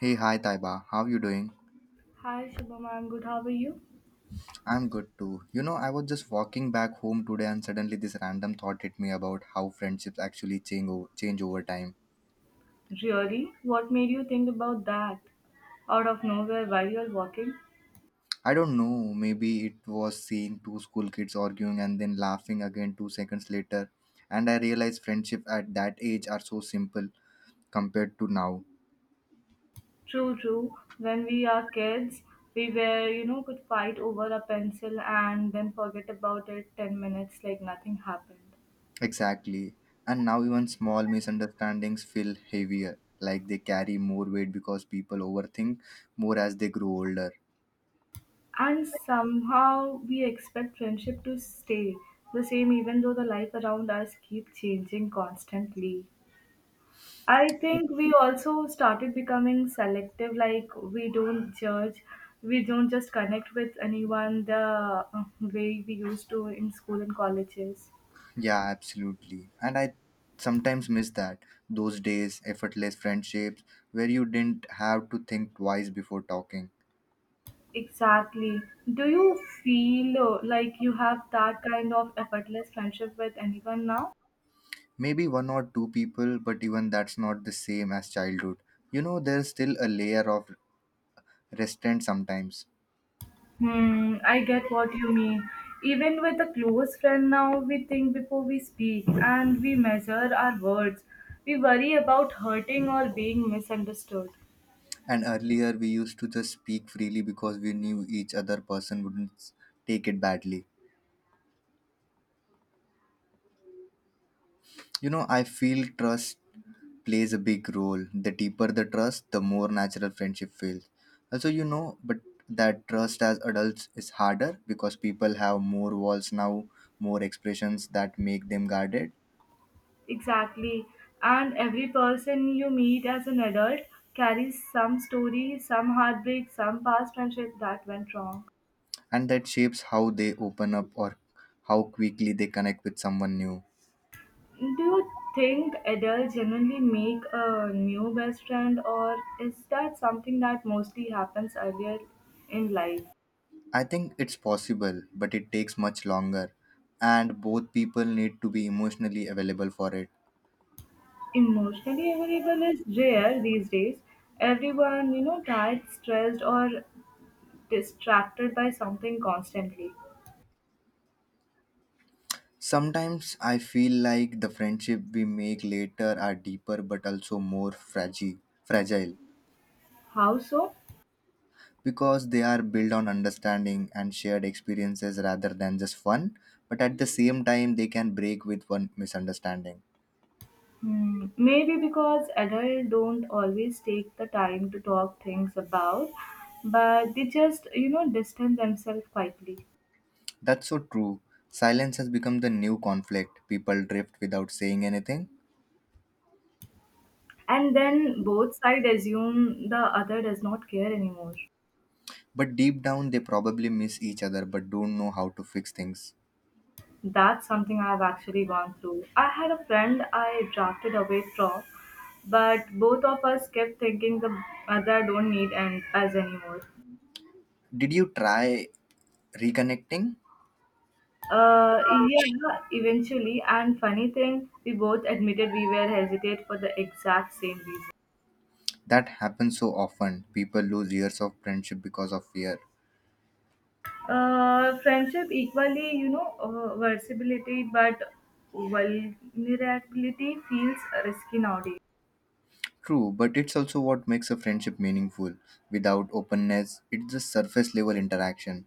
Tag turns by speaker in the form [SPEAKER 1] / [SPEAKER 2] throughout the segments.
[SPEAKER 1] Hey, hi Taiba, how you doing?
[SPEAKER 2] Hi Shubham, I'm good. How are you?
[SPEAKER 1] I'm good too. You know, I was just walking back home today and suddenly this random thought hit me about how friendships actually change, change over time.
[SPEAKER 2] Really? What made you think about that? Out of nowhere while you're walking?
[SPEAKER 1] I don't know, maybe it was seeing two school kids arguing and then laughing again 2 seconds later. And I realized friendship at that age are so simple compared to now.
[SPEAKER 2] True, true. When we are kids, we were, could fight over a pencil and then forget about it 10 minutes like nothing happened.
[SPEAKER 1] Exactly. And now even small misunderstandings feel heavier, like they carry more weight because people overthink more as they grow older.
[SPEAKER 2] And somehow we expect friendship to stay the same even though the life around us keep changing constantly. I think we also started becoming selective, like we don't judge, we don't just connect with anyone the way we used to in school and colleges.
[SPEAKER 1] Yeah, absolutely. And I sometimes miss that. Those days, effortless friendships where you didn't have to think twice before talking.
[SPEAKER 2] Exactly. Do you feel like you have that kind of effortless friendship with anyone now?
[SPEAKER 1] Maybe one or two people, but even that's not the same as childhood. You know, there's still a layer of restraint sometimes.
[SPEAKER 2] Hmm, I get what you mean. Even with a close friend now, we think before we speak and we measure our words. We worry about hurting or being misunderstood.
[SPEAKER 1] And earlier, we used to just speak freely because we knew each other person wouldn't take it badly. You know, I feel trust plays a big role. The deeper the trust, the more natural friendship feels. Also, you know, but that trust as adults is harder because people have more walls now, more expressions that make them guarded,
[SPEAKER 2] Exactly. And every person you meet as an adult carries some story, some heartbreak, some past friendship that went wrong.
[SPEAKER 1] and that shapes how they open up or how quickly they connect with someone new.
[SPEAKER 2] Do you think adults generally make a new best friend, or is that something that mostly happens earlier in life?
[SPEAKER 1] I think it's possible, but it takes much longer, and both people need to be emotionally available for it.
[SPEAKER 2] Emotionally available is rare these days. Everyone, tired, stressed, or distracted by something constantly.
[SPEAKER 1] Sometimes I feel like the friendship we make later are deeper but also more fragile
[SPEAKER 2] How so?
[SPEAKER 1] because they are built on understanding and shared experiences rather than just fun, but at the same time they can break with one misunderstanding.
[SPEAKER 2] Hmm, maybe because adults don't always take the time to talk things about, but they just, distance themselves quietly.
[SPEAKER 1] That's so true. Silence has become the new conflict. People drift without saying anything,
[SPEAKER 2] And then both sides assume the other does not care anymore.
[SPEAKER 1] but deep down they probably miss each other but don't know how to fix things.
[SPEAKER 2] That's something I've actually gone through. I had a friend I drafted away from, but both of us kept thinking the other don't need and us anymore.
[SPEAKER 1] Did you try reconnecting?
[SPEAKER 2] Yeah, eventually. And funny thing, we both admitted we were hesitate for the exact same reason.
[SPEAKER 1] That happens so often. People lose years of friendship because of fear.
[SPEAKER 2] Friendship equally, versatility, but vulnerability feels risky nowadays.
[SPEAKER 1] True, but it's also what makes a friendship meaningful. Without openness, it's just surface level interaction.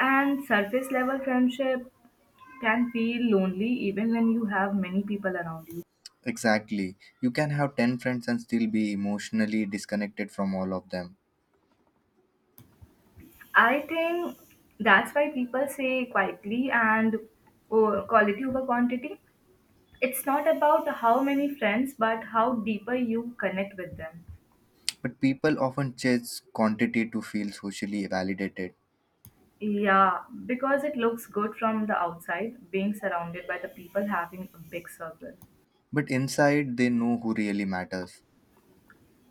[SPEAKER 2] And surface level friendship can feel lonely even when you have many people around you.
[SPEAKER 1] Exactly. You can have 10 friends and still be emotionally disconnected from all of them.
[SPEAKER 2] I think that's why people say quietly and, oh, quality over quantity. It's not about how many friends, but how deeper you connect with them.
[SPEAKER 1] But people often chase quantity to feel socially validated.
[SPEAKER 2] Yeah, because it looks good from the outside, being surrounded by the people having a big circle.
[SPEAKER 1] But inside, they know who really matters.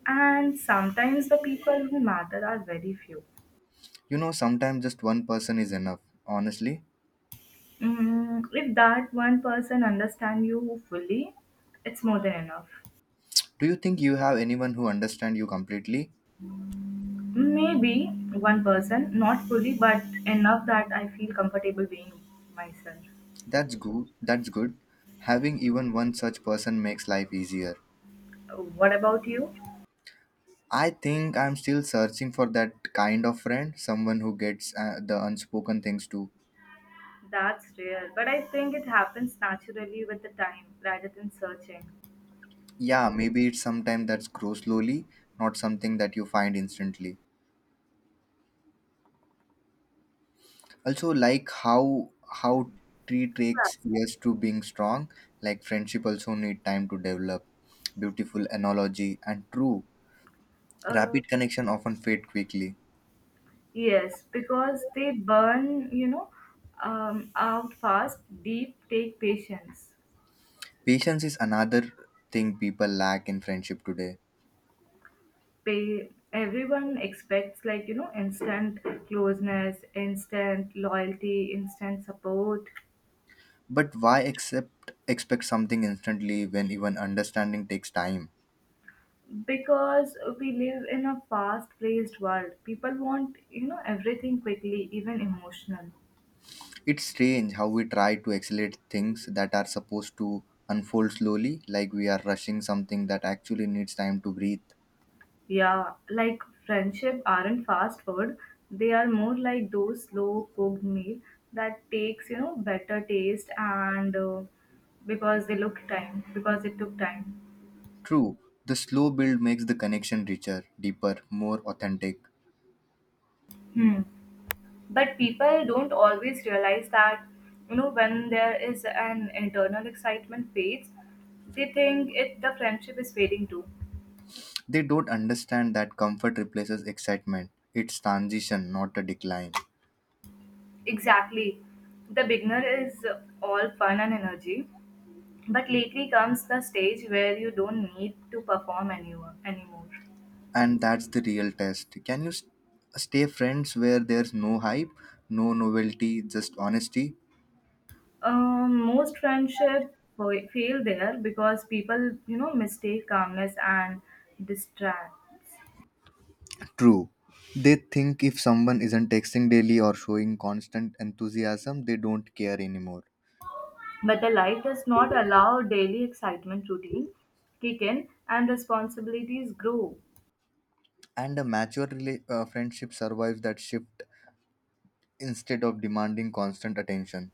[SPEAKER 2] And sometimes the people who matter are very few.
[SPEAKER 1] You know, sometimes just one person is enough, honestly.
[SPEAKER 2] If that one person understands you fully, it's more than enough.
[SPEAKER 1] Do you think you have anyone who understands you completely?
[SPEAKER 2] Maybe one person, not fully, but enough that I feel comfortable being myself.
[SPEAKER 1] That's good. That's good. Having even one such person makes life easier.
[SPEAKER 2] What about you?
[SPEAKER 1] I think I'm still searching for that kind of friend, someone who gets the unspoken things too.
[SPEAKER 2] That's rare, but I think it happens naturally with the time rather than searching.
[SPEAKER 1] Yeah, maybe it's sometime that's grows slowly, not something that you find instantly. Also, like how tree takes years to being strong, like friendship also need time to develop. Beautiful analogy and true.
[SPEAKER 2] Yeah.
[SPEAKER 1] Rapid connection often fade quickly.
[SPEAKER 2] Yes, because they burn, out fast, deep, take patience.
[SPEAKER 1] Patience is another thing people lack in friendship today.
[SPEAKER 2] Everyone expects, like, instant closeness, instant loyalty, instant support.
[SPEAKER 1] But why accept expect something instantly when even understanding takes time?
[SPEAKER 2] Because we live in a fast paced world, people want, everything quickly, even emotional.
[SPEAKER 1] It's strange how we try to accelerate things that are supposed to unfold slowly, like we are rushing something that actually needs time to breathe.
[SPEAKER 2] Yeah, like friendship aren't fast food. They are more like those slow cooked meal that takes, better taste and because they look time, because it took time.
[SPEAKER 1] True, the slow build makes the connection richer, deeper, more authentic.
[SPEAKER 2] Hmm. But people don't always realize that, when there is an internal excitement fades, they think it the friendship is fading too.
[SPEAKER 1] They don't understand that comfort replaces excitement. It's transition, not a decline.
[SPEAKER 2] Exactly. The beginner is all fun and energy, but lately comes the stage where you don't need to perform anymore.
[SPEAKER 1] And that's the real test, can you stay friends where there's no hype, no novelty, just honesty.
[SPEAKER 2] Most friendship fail there because people, mistake calmness and distract.
[SPEAKER 1] True. They think if someone isn't texting daily or showing constant enthusiasm, they don't care anymore.
[SPEAKER 2] But the life does not allow daily excitement routine kick in and responsibilities grow.
[SPEAKER 1] And a mature friendship survives that shift instead of demanding constant attention.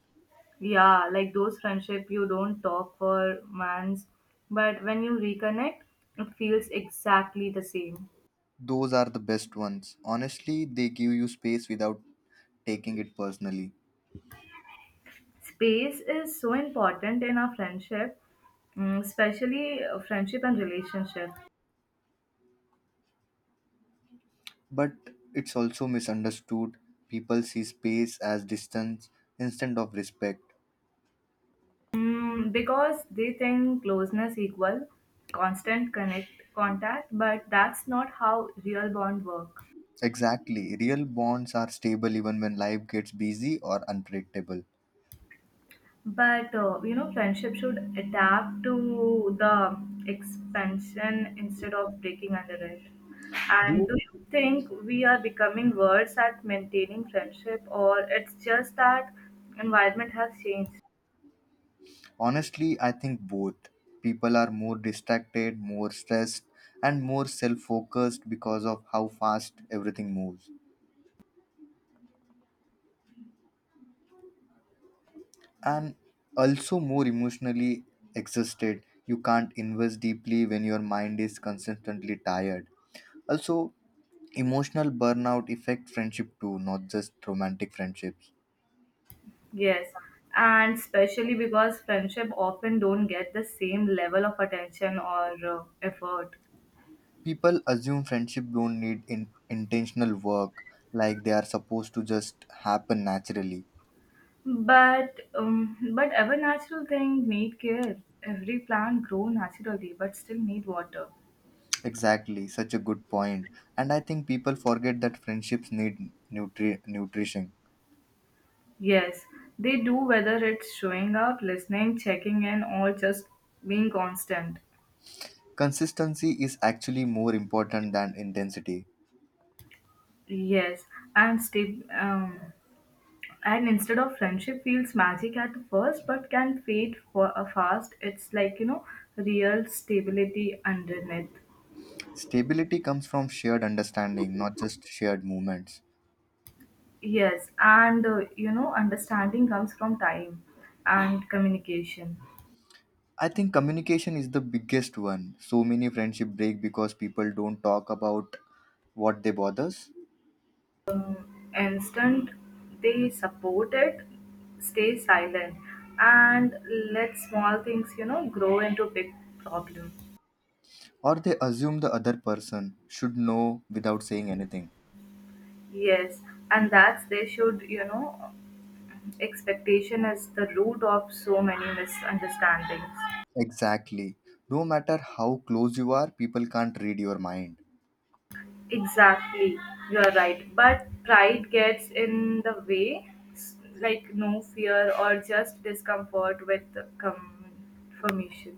[SPEAKER 2] Yeah, like those friendship you don't talk for months, but when you reconnect, it feels exactly the same.
[SPEAKER 1] Those are the best ones. Honestly, they give you space without taking it personally.
[SPEAKER 2] Space is so important in our friendship, especially friendship and relationship.
[SPEAKER 1] But it's also misunderstood. People see space as distance instead of respect.
[SPEAKER 2] Because they think closeness equal constant connect contact, but that's not how real bond work.
[SPEAKER 1] Exactly, real bonds are stable even when life gets busy or unpredictable.
[SPEAKER 2] But friendship should adapt to the expansion instead of breaking under it.
[SPEAKER 1] Do
[SPEAKER 2] And do
[SPEAKER 1] you?
[SPEAKER 2] you think we are becoming worse at maintaining friendship, or it's just that environment has changed?
[SPEAKER 1] Honestly, I think both. People are more distracted, more stressed, and more self focused because of how fast everything moves. And also more emotionally exhausted. You can't invest deeply when your mind is consistently tired. Also, emotional burnout affect friendship too, not just romantic friendships.
[SPEAKER 2] Yes, and especially because friendship often don't get the same level of attention or effort.
[SPEAKER 1] People assume friendship don't need intentional work, like they are supposed to just happen naturally.
[SPEAKER 2] But every natural thing need care. Every plant grow naturally, but still need water.
[SPEAKER 1] Exactly, such a good point. And I think people forget that friendships need nutrition.
[SPEAKER 2] Yes, they do, whether it's showing up, listening, checking in, or just being constant.
[SPEAKER 1] Consistency is actually more important than intensity.
[SPEAKER 2] Yes, and stay, um, and instead of friendship feels magic at first, but can fade for a fast. It's like real stability underneath.
[SPEAKER 1] Stability comes from shared understanding, not just shared moments.
[SPEAKER 2] Yes, and understanding comes from time and communication.
[SPEAKER 1] I think communication is the biggest one. So many friendship break because people don't talk about what they bothers,
[SPEAKER 2] Instant they support it stay silent and let small things grow into big problem.
[SPEAKER 1] or they assume the other person should know without saying anything.
[SPEAKER 2] Yes, and that's they should expectation is the root of so many misunderstandings.
[SPEAKER 1] Exactly. No matter how close you are, people can't read your mind.
[SPEAKER 2] Exactly, you're right. But pride gets in the way, like no fear or just discomfort with confirmation.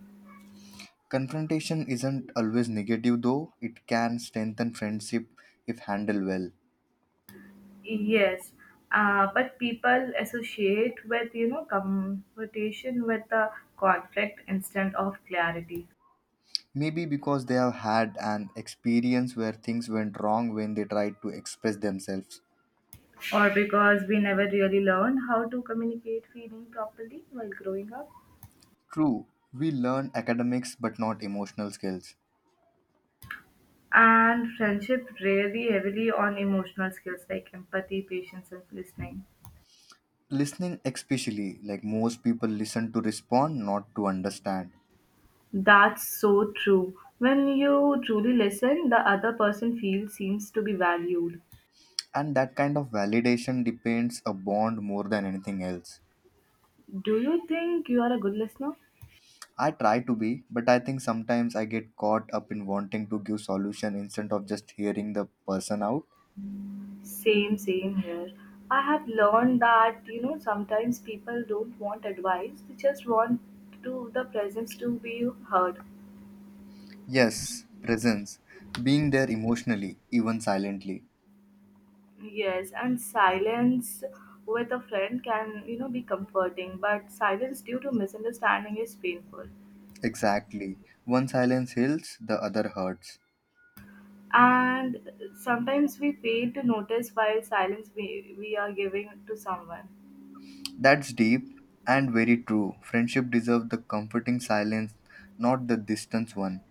[SPEAKER 1] Confrontation isn't always negative though. It can strengthen friendship if handled well.
[SPEAKER 2] Yes, but people associate with confrontation with the conflict instead of clarity,
[SPEAKER 1] Maybe because they have had an experience where things went wrong when they tried to express themselves.
[SPEAKER 2] or because we never really learn how to communicate feeling properly while growing up.
[SPEAKER 1] True, we learn academics but not emotional skills.
[SPEAKER 2] And friendship really heavily on emotional skills like empathy, patience, and listening.
[SPEAKER 1] Listening, especially, like most people listen to respond, not to understand.
[SPEAKER 2] That's so true. When you truly listen, the other person feels seems to be valued.
[SPEAKER 1] And that kind of validation depends a bond more than anything else.
[SPEAKER 2] Do you think you are a good listener?
[SPEAKER 1] I try to be, but I think sometimes I get caught up in wanting to give solution instead of just hearing the person out.
[SPEAKER 2] Same, same here. I have learned that, sometimes people don't want advice, they just want to the presence to be heard.
[SPEAKER 1] Yes, presence. Being there emotionally, even silently.
[SPEAKER 2] Yes, and silence with a friend can, be comforting, but silence due to misunderstanding is painful.
[SPEAKER 1] Exactly. One silence heals, the other hurts.
[SPEAKER 2] And sometimes we fail to notice while silence we are giving to someone.
[SPEAKER 1] That's deep and very true. Friendship deserves the comforting silence, not the distance one.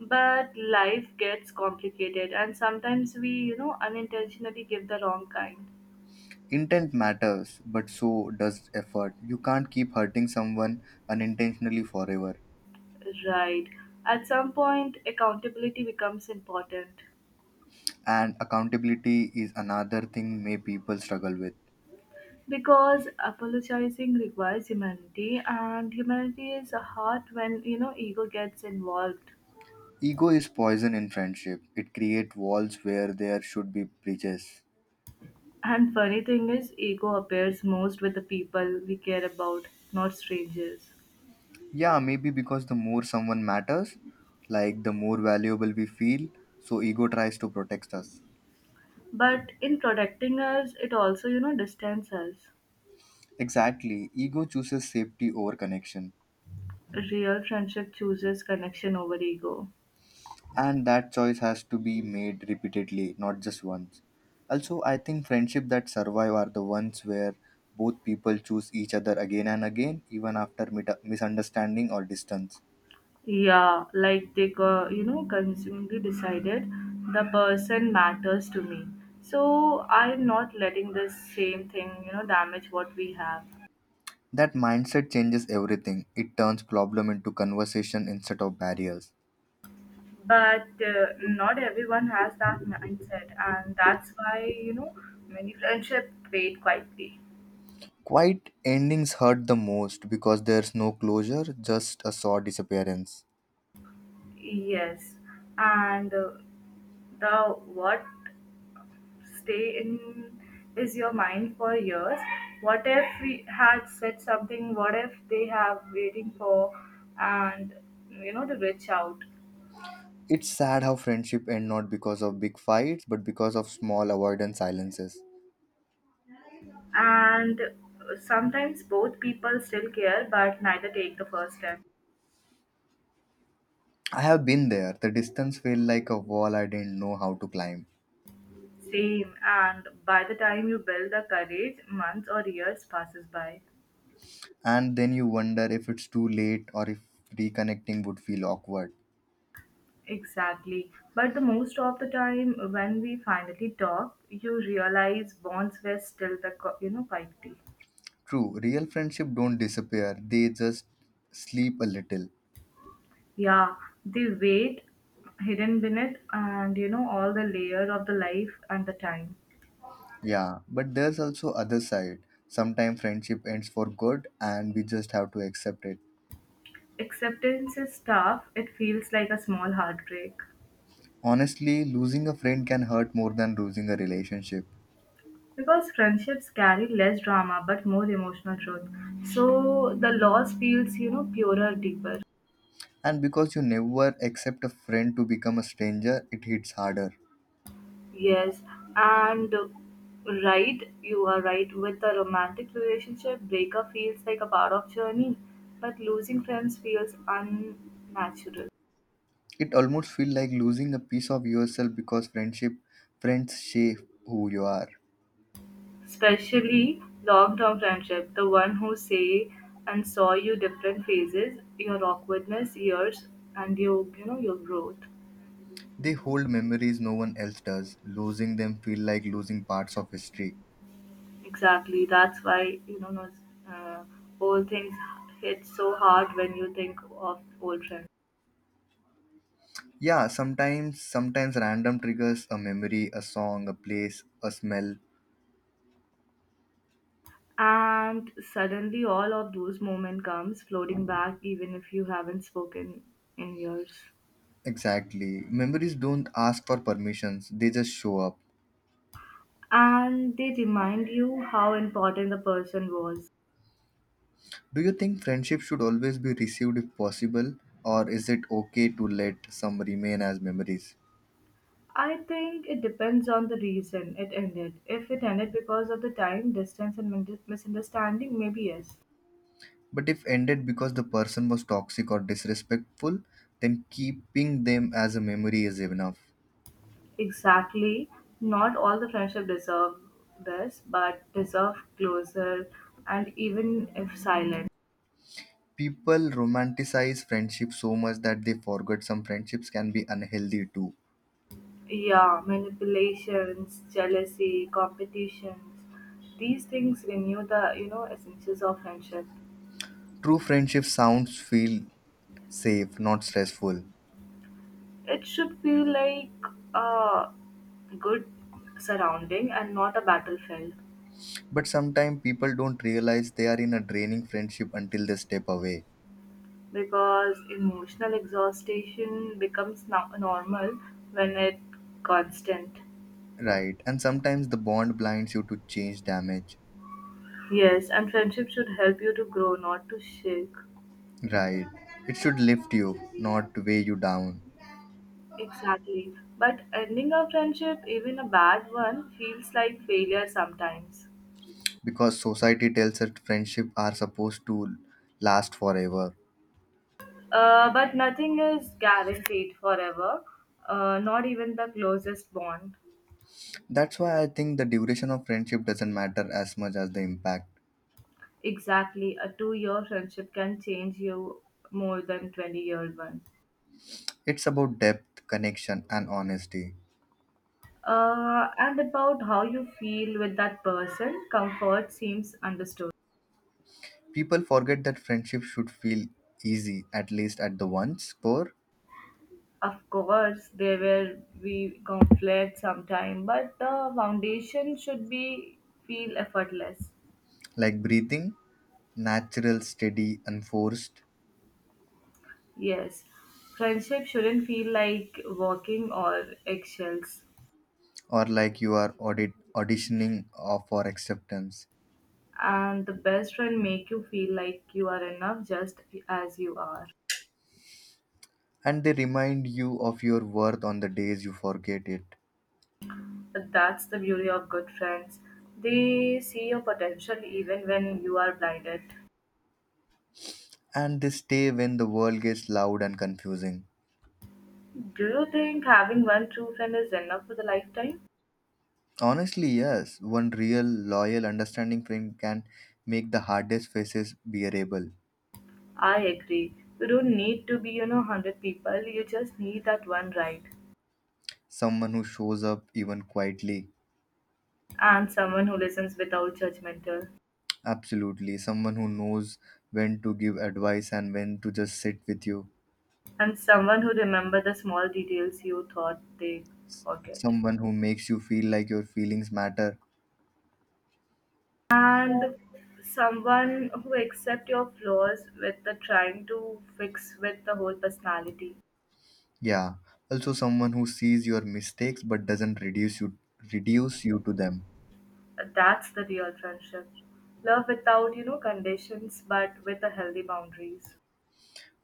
[SPEAKER 2] But life gets complicated, and sometimes we, unintentionally give the wrong kind.
[SPEAKER 1] Intent matters, but so does effort. You can't keep hurting someone unintentionally forever.
[SPEAKER 2] Right. At some point, accountability becomes important
[SPEAKER 1] And accountability is another thing may people struggle with.
[SPEAKER 2] because apologizing requires humanity, and humanity is hard when ego gets involved.
[SPEAKER 1] Ego is poison in friendship. It creates walls where there should be bridges.
[SPEAKER 2] And funny thing is, ego appears most with the people we care about, not strangers.
[SPEAKER 1] Yeah, maybe because the more someone matters, like the more valuable we feel, so ego tries to protect us.
[SPEAKER 2] But in protecting us, it also distances
[SPEAKER 1] Exactly. Ego chooses safety over connection.
[SPEAKER 2] us. Real friendship chooses connection over ego.
[SPEAKER 1] And that choice has to be made repeatedly, not just once. Also, I think friendship that survive are the ones where both people choose each other again and again, even after misunderstanding or distance.
[SPEAKER 2] Yeah, like they, consumingly decided the person matters to me. So I'm not letting this same thing, damage what we have.
[SPEAKER 1] That mindset changes everything. It turns problem into conversation instead of barriers.
[SPEAKER 2] But not everyone has that mindset, and that's why, many friendship fade quietly.
[SPEAKER 1] Quiet endings hurt the most because there's no closure, just a sore disappearance.
[SPEAKER 2] Yes, and the what stay in is your mind for years. What if we had said something? What if they have waiting for and to reach out?
[SPEAKER 1] It's sad how friendship end not because of big fights, but because of small avoidant silences.
[SPEAKER 2] And sometimes both people still care, but neither take the first step.
[SPEAKER 1] I have been there. The distance felt like a wall I didn't know how to climb.
[SPEAKER 2] Same, and by the time you build the courage, months or years passes by.
[SPEAKER 1] And then you wonder if it's too late or if reconnecting would feel awkward.
[SPEAKER 2] Exactly. But the most of the time when we finally talk, you realize bonds were still the quality.
[SPEAKER 1] True, real friendship don't disappear. They just sleep a little.
[SPEAKER 2] Yeah, the weight hidden beneath, and all the layer of the life and the time.
[SPEAKER 1] Yeah, but there's also other side. Sometimes friendship ends for good and we just have to accept it.
[SPEAKER 2] Acceptance is tough, it feels like a small heartbreak.
[SPEAKER 1] Honestly, losing a friend can hurt more than losing a relationship.
[SPEAKER 2] Because friendships carry less drama but more emotional truth. So the loss feels, purer, deeper.
[SPEAKER 1] And because you never accept a friend to become a stranger, it hits harder.
[SPEAKER 2] Yes, and right, you are right. With a romantic relationship, breakup feels like a part of journey, but losing friends feels unnatural.
[SPEAKER 1] It almost feels like losing a piece of yourself because friends shape who you are.
[SPEAKER 2] Especially long-term friendship, the one who say and saw you different phases, your awkwardness, years, and your you know your growth.
[SPEAKER 1] They hold memories no one else does, losing them feel like losing parts of history.
[SPEAKER 2] Exactly. That's why old things hit so hard when you think of old friends.
[SPEAKER 1] Yeah, sometimes random triggers a memory, a song, a place, a smell.
[SPEAKER 2] And suddenly, all of those moments comes floating back, even if you haven't spoken in years.
[SPEAKER 1] Exactly, memories don't ask for permissions, they just show up.
[SPEAKER 2] And they remind you how important the person was.
[SPEAKER 1] Do you think friendship should always be received if possible, or is it okay to let some remain as memories?
[SPEAKER 2] I think it depends on the reason it ended. If it ended because of the time, distance, and misunderstanding, maybe yes.
[SPEAKER 1] But if ended because the person was toxic or disrespectful, then keeping them as a memory is enough.
[SPEAKER 2] Exactly. Not all the friendship deserve this, but deserve closer and even if silent.
[SPEAKER 1] People romanticize friendship so much that they forget some friendships can be unhealthy too.
[SPEAKER 2] Yeah, manipulations, jealousy, competitions. These things renew the, essences of friendship.
[SPEAKER 1] True friendship sounds feel safe, not stressful.
[SPEAKER 2] It should feel like a good surrounding and not a battlefield.
[SPEAKER 1] But sometimes people don't realize they are in a draining friendship until they step away.
[SPEAKER 2] Because emotional exhaustion becomes normal when it constant.
[SPEAKER 1] Right. And sometimes the bond blinds you to change damage.
[SPEAKER 2] Yes, and friendship should help you to grow, not to shake.
[SPEAKER 1] Right. It should lift you, not weigh you down.
[SPEAKER 2] Exactly. But ending a friendship, even a bad one, feels like failure sometimes.
[SPEAKER 1] Because society tells us friendship are supposed to last forever.
[SPEAKER 2] But nothing is guaranteed forever, not even the closest bond.
[SPEAKER 1] That's why I think the duration of friendship doesn't matter as much as the impact.
[SPEAKER 2] Exactly, a 2-year friendship can change you more than 20 year one.
[SPEAKER 1] It's about depth, connection, and honesty.
[SPEAKER 2] And about how you feel with that person. Comfort seems understood.
[SPEAKER 1] People forget that friendship should feel easy, at least at the once core,
[SPEAKER 2] Of course, there will be conflict sometime, but the foundation should be feel effortless.
[SPEAKER 1] like breathing, natural, steady, unforced.
[SPEAKER 2] Yes, friendship shouldn't feel like walking or eggshells.
[SPEAKER 1] Or like you are auditioning for acceptance.
[SPEAKER 2] And the best friend make you feel like you are enough just as you are.
[SPEAKER 1] And they remind you of your worth on the days you forget it.
[SPEAKER 2] But that's the beauty of good friends. They see your potential even when you are blinded.
[SPEAKER 1] And they stay when the world gets loud and confusing.
[SPEAKER 2] Do you think having one true friend is enough for the lifetime?
[SPEAKER 1] Honestly, yes, one real, loyal, understanding friend can make the hardest faces bearable.
[SPEAKER 2] I agree. You don't need to be, 100 people. You just need that one right.
[SPEAKER 1] Someone who shows up even quietly.
[SPEAKER 2] And someone who listens without judgmental.
[SPEAKER 1] Absolutely, someone who knows when to give advice and when to just sit with you.
[SPEAKER 2] And someone who remembers the small details you thought they forget.
[SPEAKER 1] Someone who makes you feel like your feelings matter.
[SPEAKER 2] And someone who accept your flaws with the trying to fix with the whole personality.
[SPEAKER 1] Yeah, also someone who sees your mistakes but doesn't reduce you to them.
[SPEAKER 2] That's the real friendship. Love without, conditions but with the healthy boundaries.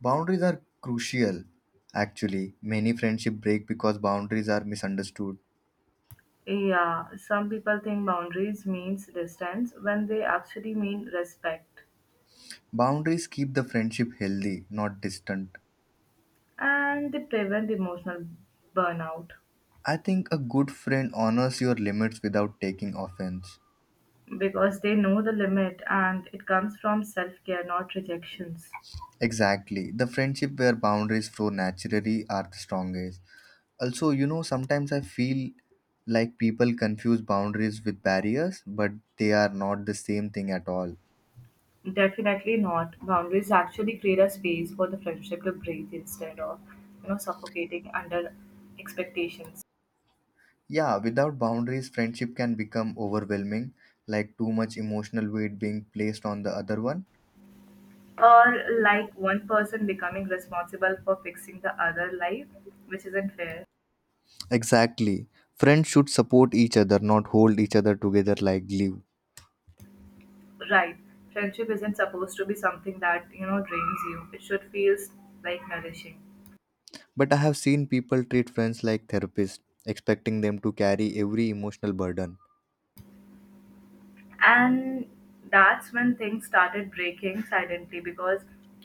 [SPEAKER 1] Boundaries are crucial. Actually, many friendship break because boundaries are misunderstood.
[SPEAKER 2] Yeah, some people think boundaries means distance when they actually mean respect
[SPEAKER 1] Boundaries keep the friendship healthy, not distant.
[SPEAKER 2] and they prevent emotional burnout
[SPEAKER 1] I think a good friend honors your limits without taking offense.
[SPEAKER 2] because they know the limit and it comes from self care, not rejections.
[SPEAKER 1] Exactly. The friendship where boundaries flow naturally are the strongest. Also, you know, sometimes I feel like people confuse boundaries with barriers, but they are not the same thing at all.
[SPEAKER 2] Definitely not. Boundaries actually create a space for the friendship to breathe instead of, suffocating under expectations.
[SPEAKER 1] Yeah, without boundaries, friendship can become overwhelming, like too much emotional weight being placed on the other one.
[SPEAKER 2] Or like one person becoming responsible for fixing the other life, which isn't fair.
[SPEAKER 1] Exactly. Friends should support each other, not hold each other together like glue.
[SPEAKER 2] Right. Friendship isn't supposed to be something that, drains you. It should feel like nourishing.
[SPEAKER 1] But I have seen people treat friends like therapists, expecting them to carry every emotional burden.
[SPEAKER 2] And that's when things started breaking silently because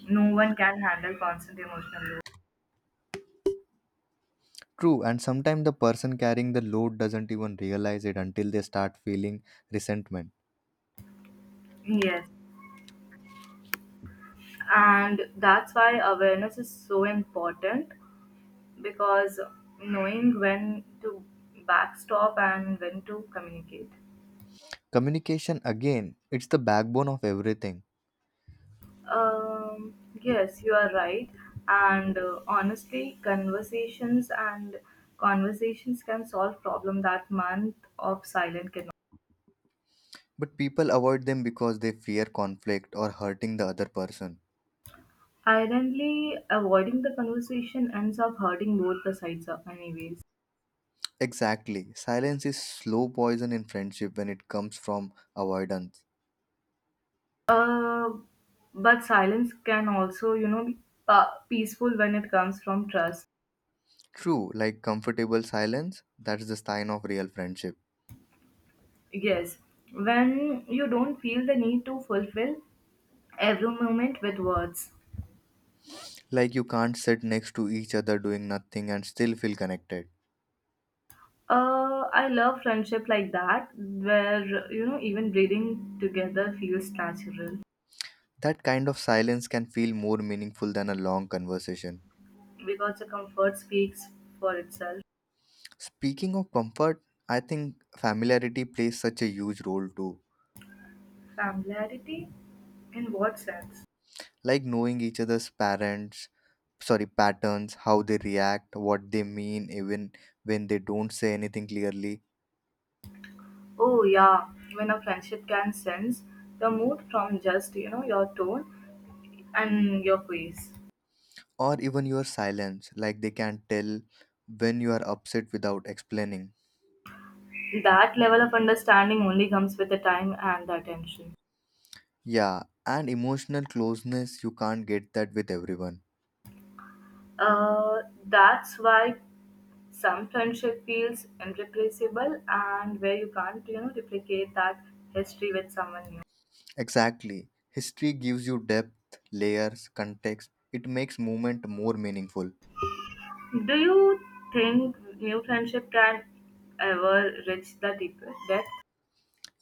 [SPEAKER 2] no one can handle constant emotional load.
[SPEAKER 1] True, and sometimes the person carrying the load doesn't even realize it until they start feeling resentment.
[SPEAKER 2] Yes. And that's why awareness is so important because knowing when to backstop and when to communicate.
[SPEAKER 1] Communication, again, it's the backbone of everything,
[SPEAKER 2] Um, yes, you are right. And honestly, conversations and conversations can solve problem that month of silent cannot.
[SPEAKER 1] but people avoid them because they fear conflict or hurting the other person.
[SPEAKER 2] Ironically, avoiding the conversation ends up hurting both the sides of anyways.
[SPEAKER 1] Exactly, silence is slow poison in friendship when it comes from avoidance.
[SPEAKER 2] Uh, but silence can also, be peaceful when it comes from trust.
[SPEAKER 1] True, like comfortable silence, that's the sign of real friendship.
[SPEAKER 2] Yes, when you don't feel the need to fulfill every moment with words.
[SPEAKER 1] Like you can't sit next to each other doing nothing and still feel connected.
[SPEAKER 2] I love friendship like that, where even breathing together feels natural
[SPEAKER 1] That kind of silence can feel more meaningful than a long conversation.
[SPEAKER 2] because the comfort speaks for itself.
[SPEAKER 1] Speaking of comfort, I think familiarity plays such a huge role too.
[SPEAKER 2] Familiarity, in what sense?
[SPEAKER 1] Like knowing each other's parents, sorry, patterns, how they react, what they mean, even when they don't say anything clearly,
[SPEAKER 2] Oh yeah, when a friendship can sense the mood from just your tone and your face.
[SPEAKER 1] or even your silence, like they can tell when you are upset without explaining.
[SPEAKER 2] That level of understanding only comes with the time and the attention.
[SPEAKER 1] Yeah, and emotional closeness, you can't get that with everyone.
[SPEAKER 2] That's why some friendship feels irreplaceable and where you can't replicate that history with someone
[SPEAKER 1] Exactly. History gives you depth, layers, context. It makes movement more meaningful.
[SPEAKER 2] new. Do you think new friendship can ever reach the deeper depth?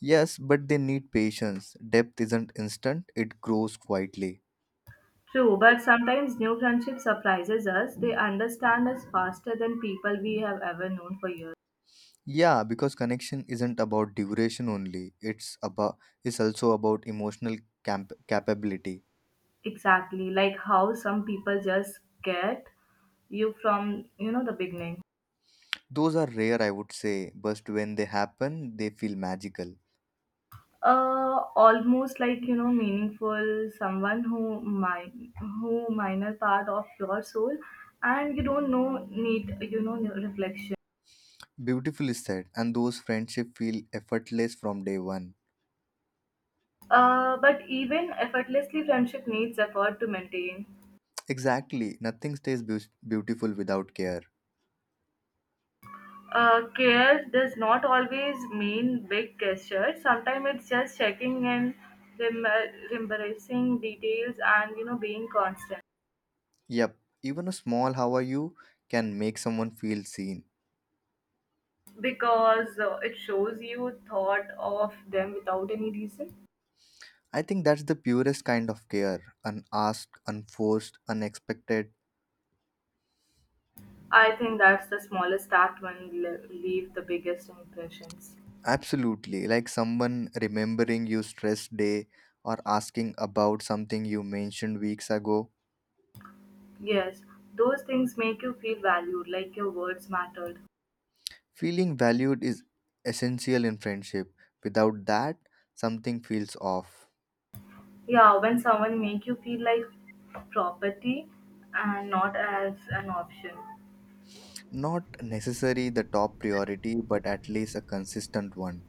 [SPEAKER 1] Yes, but they need patience. Depth isn't instant, it grows quietly.
[SPEAKER 2] True, but sometimes new friendship surprises us. They understand us faster than people we have ever known for years.
[SPEAKER 1] Yeah, because connection isn't about duration only. It's about, it's also about emotional capability.
[SPEAKER 2] Exactly, like how some people just get you from the beginning.
[SPEAKER 1] Those are rare, I would say, but when they happen, they feel magical.
[SPEAKER 2] Almost like meaningful someone who minor part of your soul and you don't know need reflection.
[SPEAKER 1] Beautifully said, and those friendship feel effortless from day one.
[SPEAKER 2] But even effortlessly friendship needs effort to maintain.
[SPEAKER 1] Exactly, nothing stays beautiful without care.
[SPEAKER 2] Care does not always mean big gestures, sometimes it's just checking in, remembering details and being constant.
[SPEAKER 1] Yep, even a small "how are you" can make someone feel seen.
[SPEAKER 2] Because it shows you thought of them without any reason.
[SPEAKER 1] I think that's the purest kind of care, unasked, unforced, unexpected.
[SPEAKER 2] I think that's the smallest act when leave the biggest impressions.
[SPEAKER 1] Absolutely, like someone remembering your stress day or asking about something you mentioned weeks ago.
[SPEAKER 2] Yes, those things make you feel valued, like your words mattered.
[SPEAKER 1] Feeling valued is essential in friendship. Without that, something feels off.
[SPEAKER 2] Yeah, when someone make you feel like property and not as an option.
[SPEAKER 1] Not necessarily the top priority, but at least a consistent one.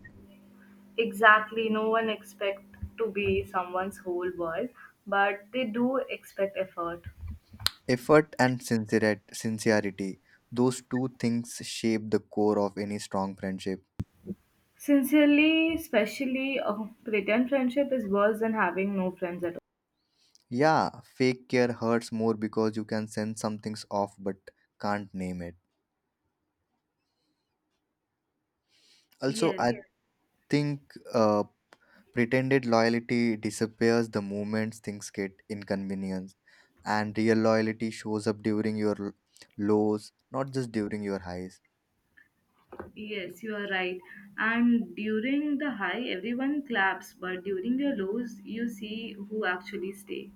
[SPEAKER 2] Exactly, no one expect to be someone's whole world, but they do expect effort.
[SPEAKER 1] Effort and sincerity, those two things shape the core of any strong friendship.
[SPEAKER 2] Sincerely, especially, a pretend friendship is worse than having no friends at all.
[SPEAKER 1] Yeah, fake care hurts more because you can sense something's off but can't name it. Also, I
[SPEAKER 2] Yes,
[SPEAKER 1] Yeah. think uh, pretended loyalty disappears the moment things get inconvenienced, and real loyalty shows up during your lows, not just during your highs.
[SPEAKER 2] yes, you are right. And during the high, everyone claps, but during the lows, you see who actually stay.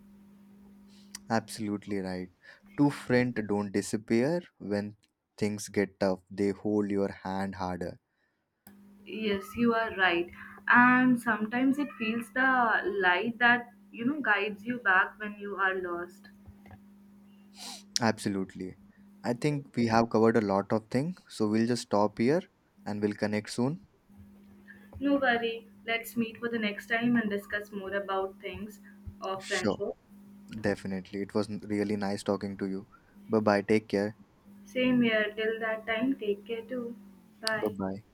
[SPEAKER 1] Absolutely right. Two friends don't disappear when things get tough, they hold your hand harder.
[SPEAKER 2] Yes, you are right. And sometimes it feels the light that, guides you back when you are lost.
[SPEAKER 1] Absolutely. I think we have covered a lot of things, so we'll just stop here and we'll connect soon.
[SPEAKER 2] No worry. Let's meet for the next time and discuss more about things of
[SPEAKER 1] Sure,
[SPEAKER 2] friendship.
[SPEAKER 1] definitely. It was really nice talking to you. Bye bye. Take care.
[SPEAKER 2] Same here. Till that time, take care too.
[SPEAKER 1] Bye
[SPEAKER 2] Bye.
[SPEAKER 1] bye.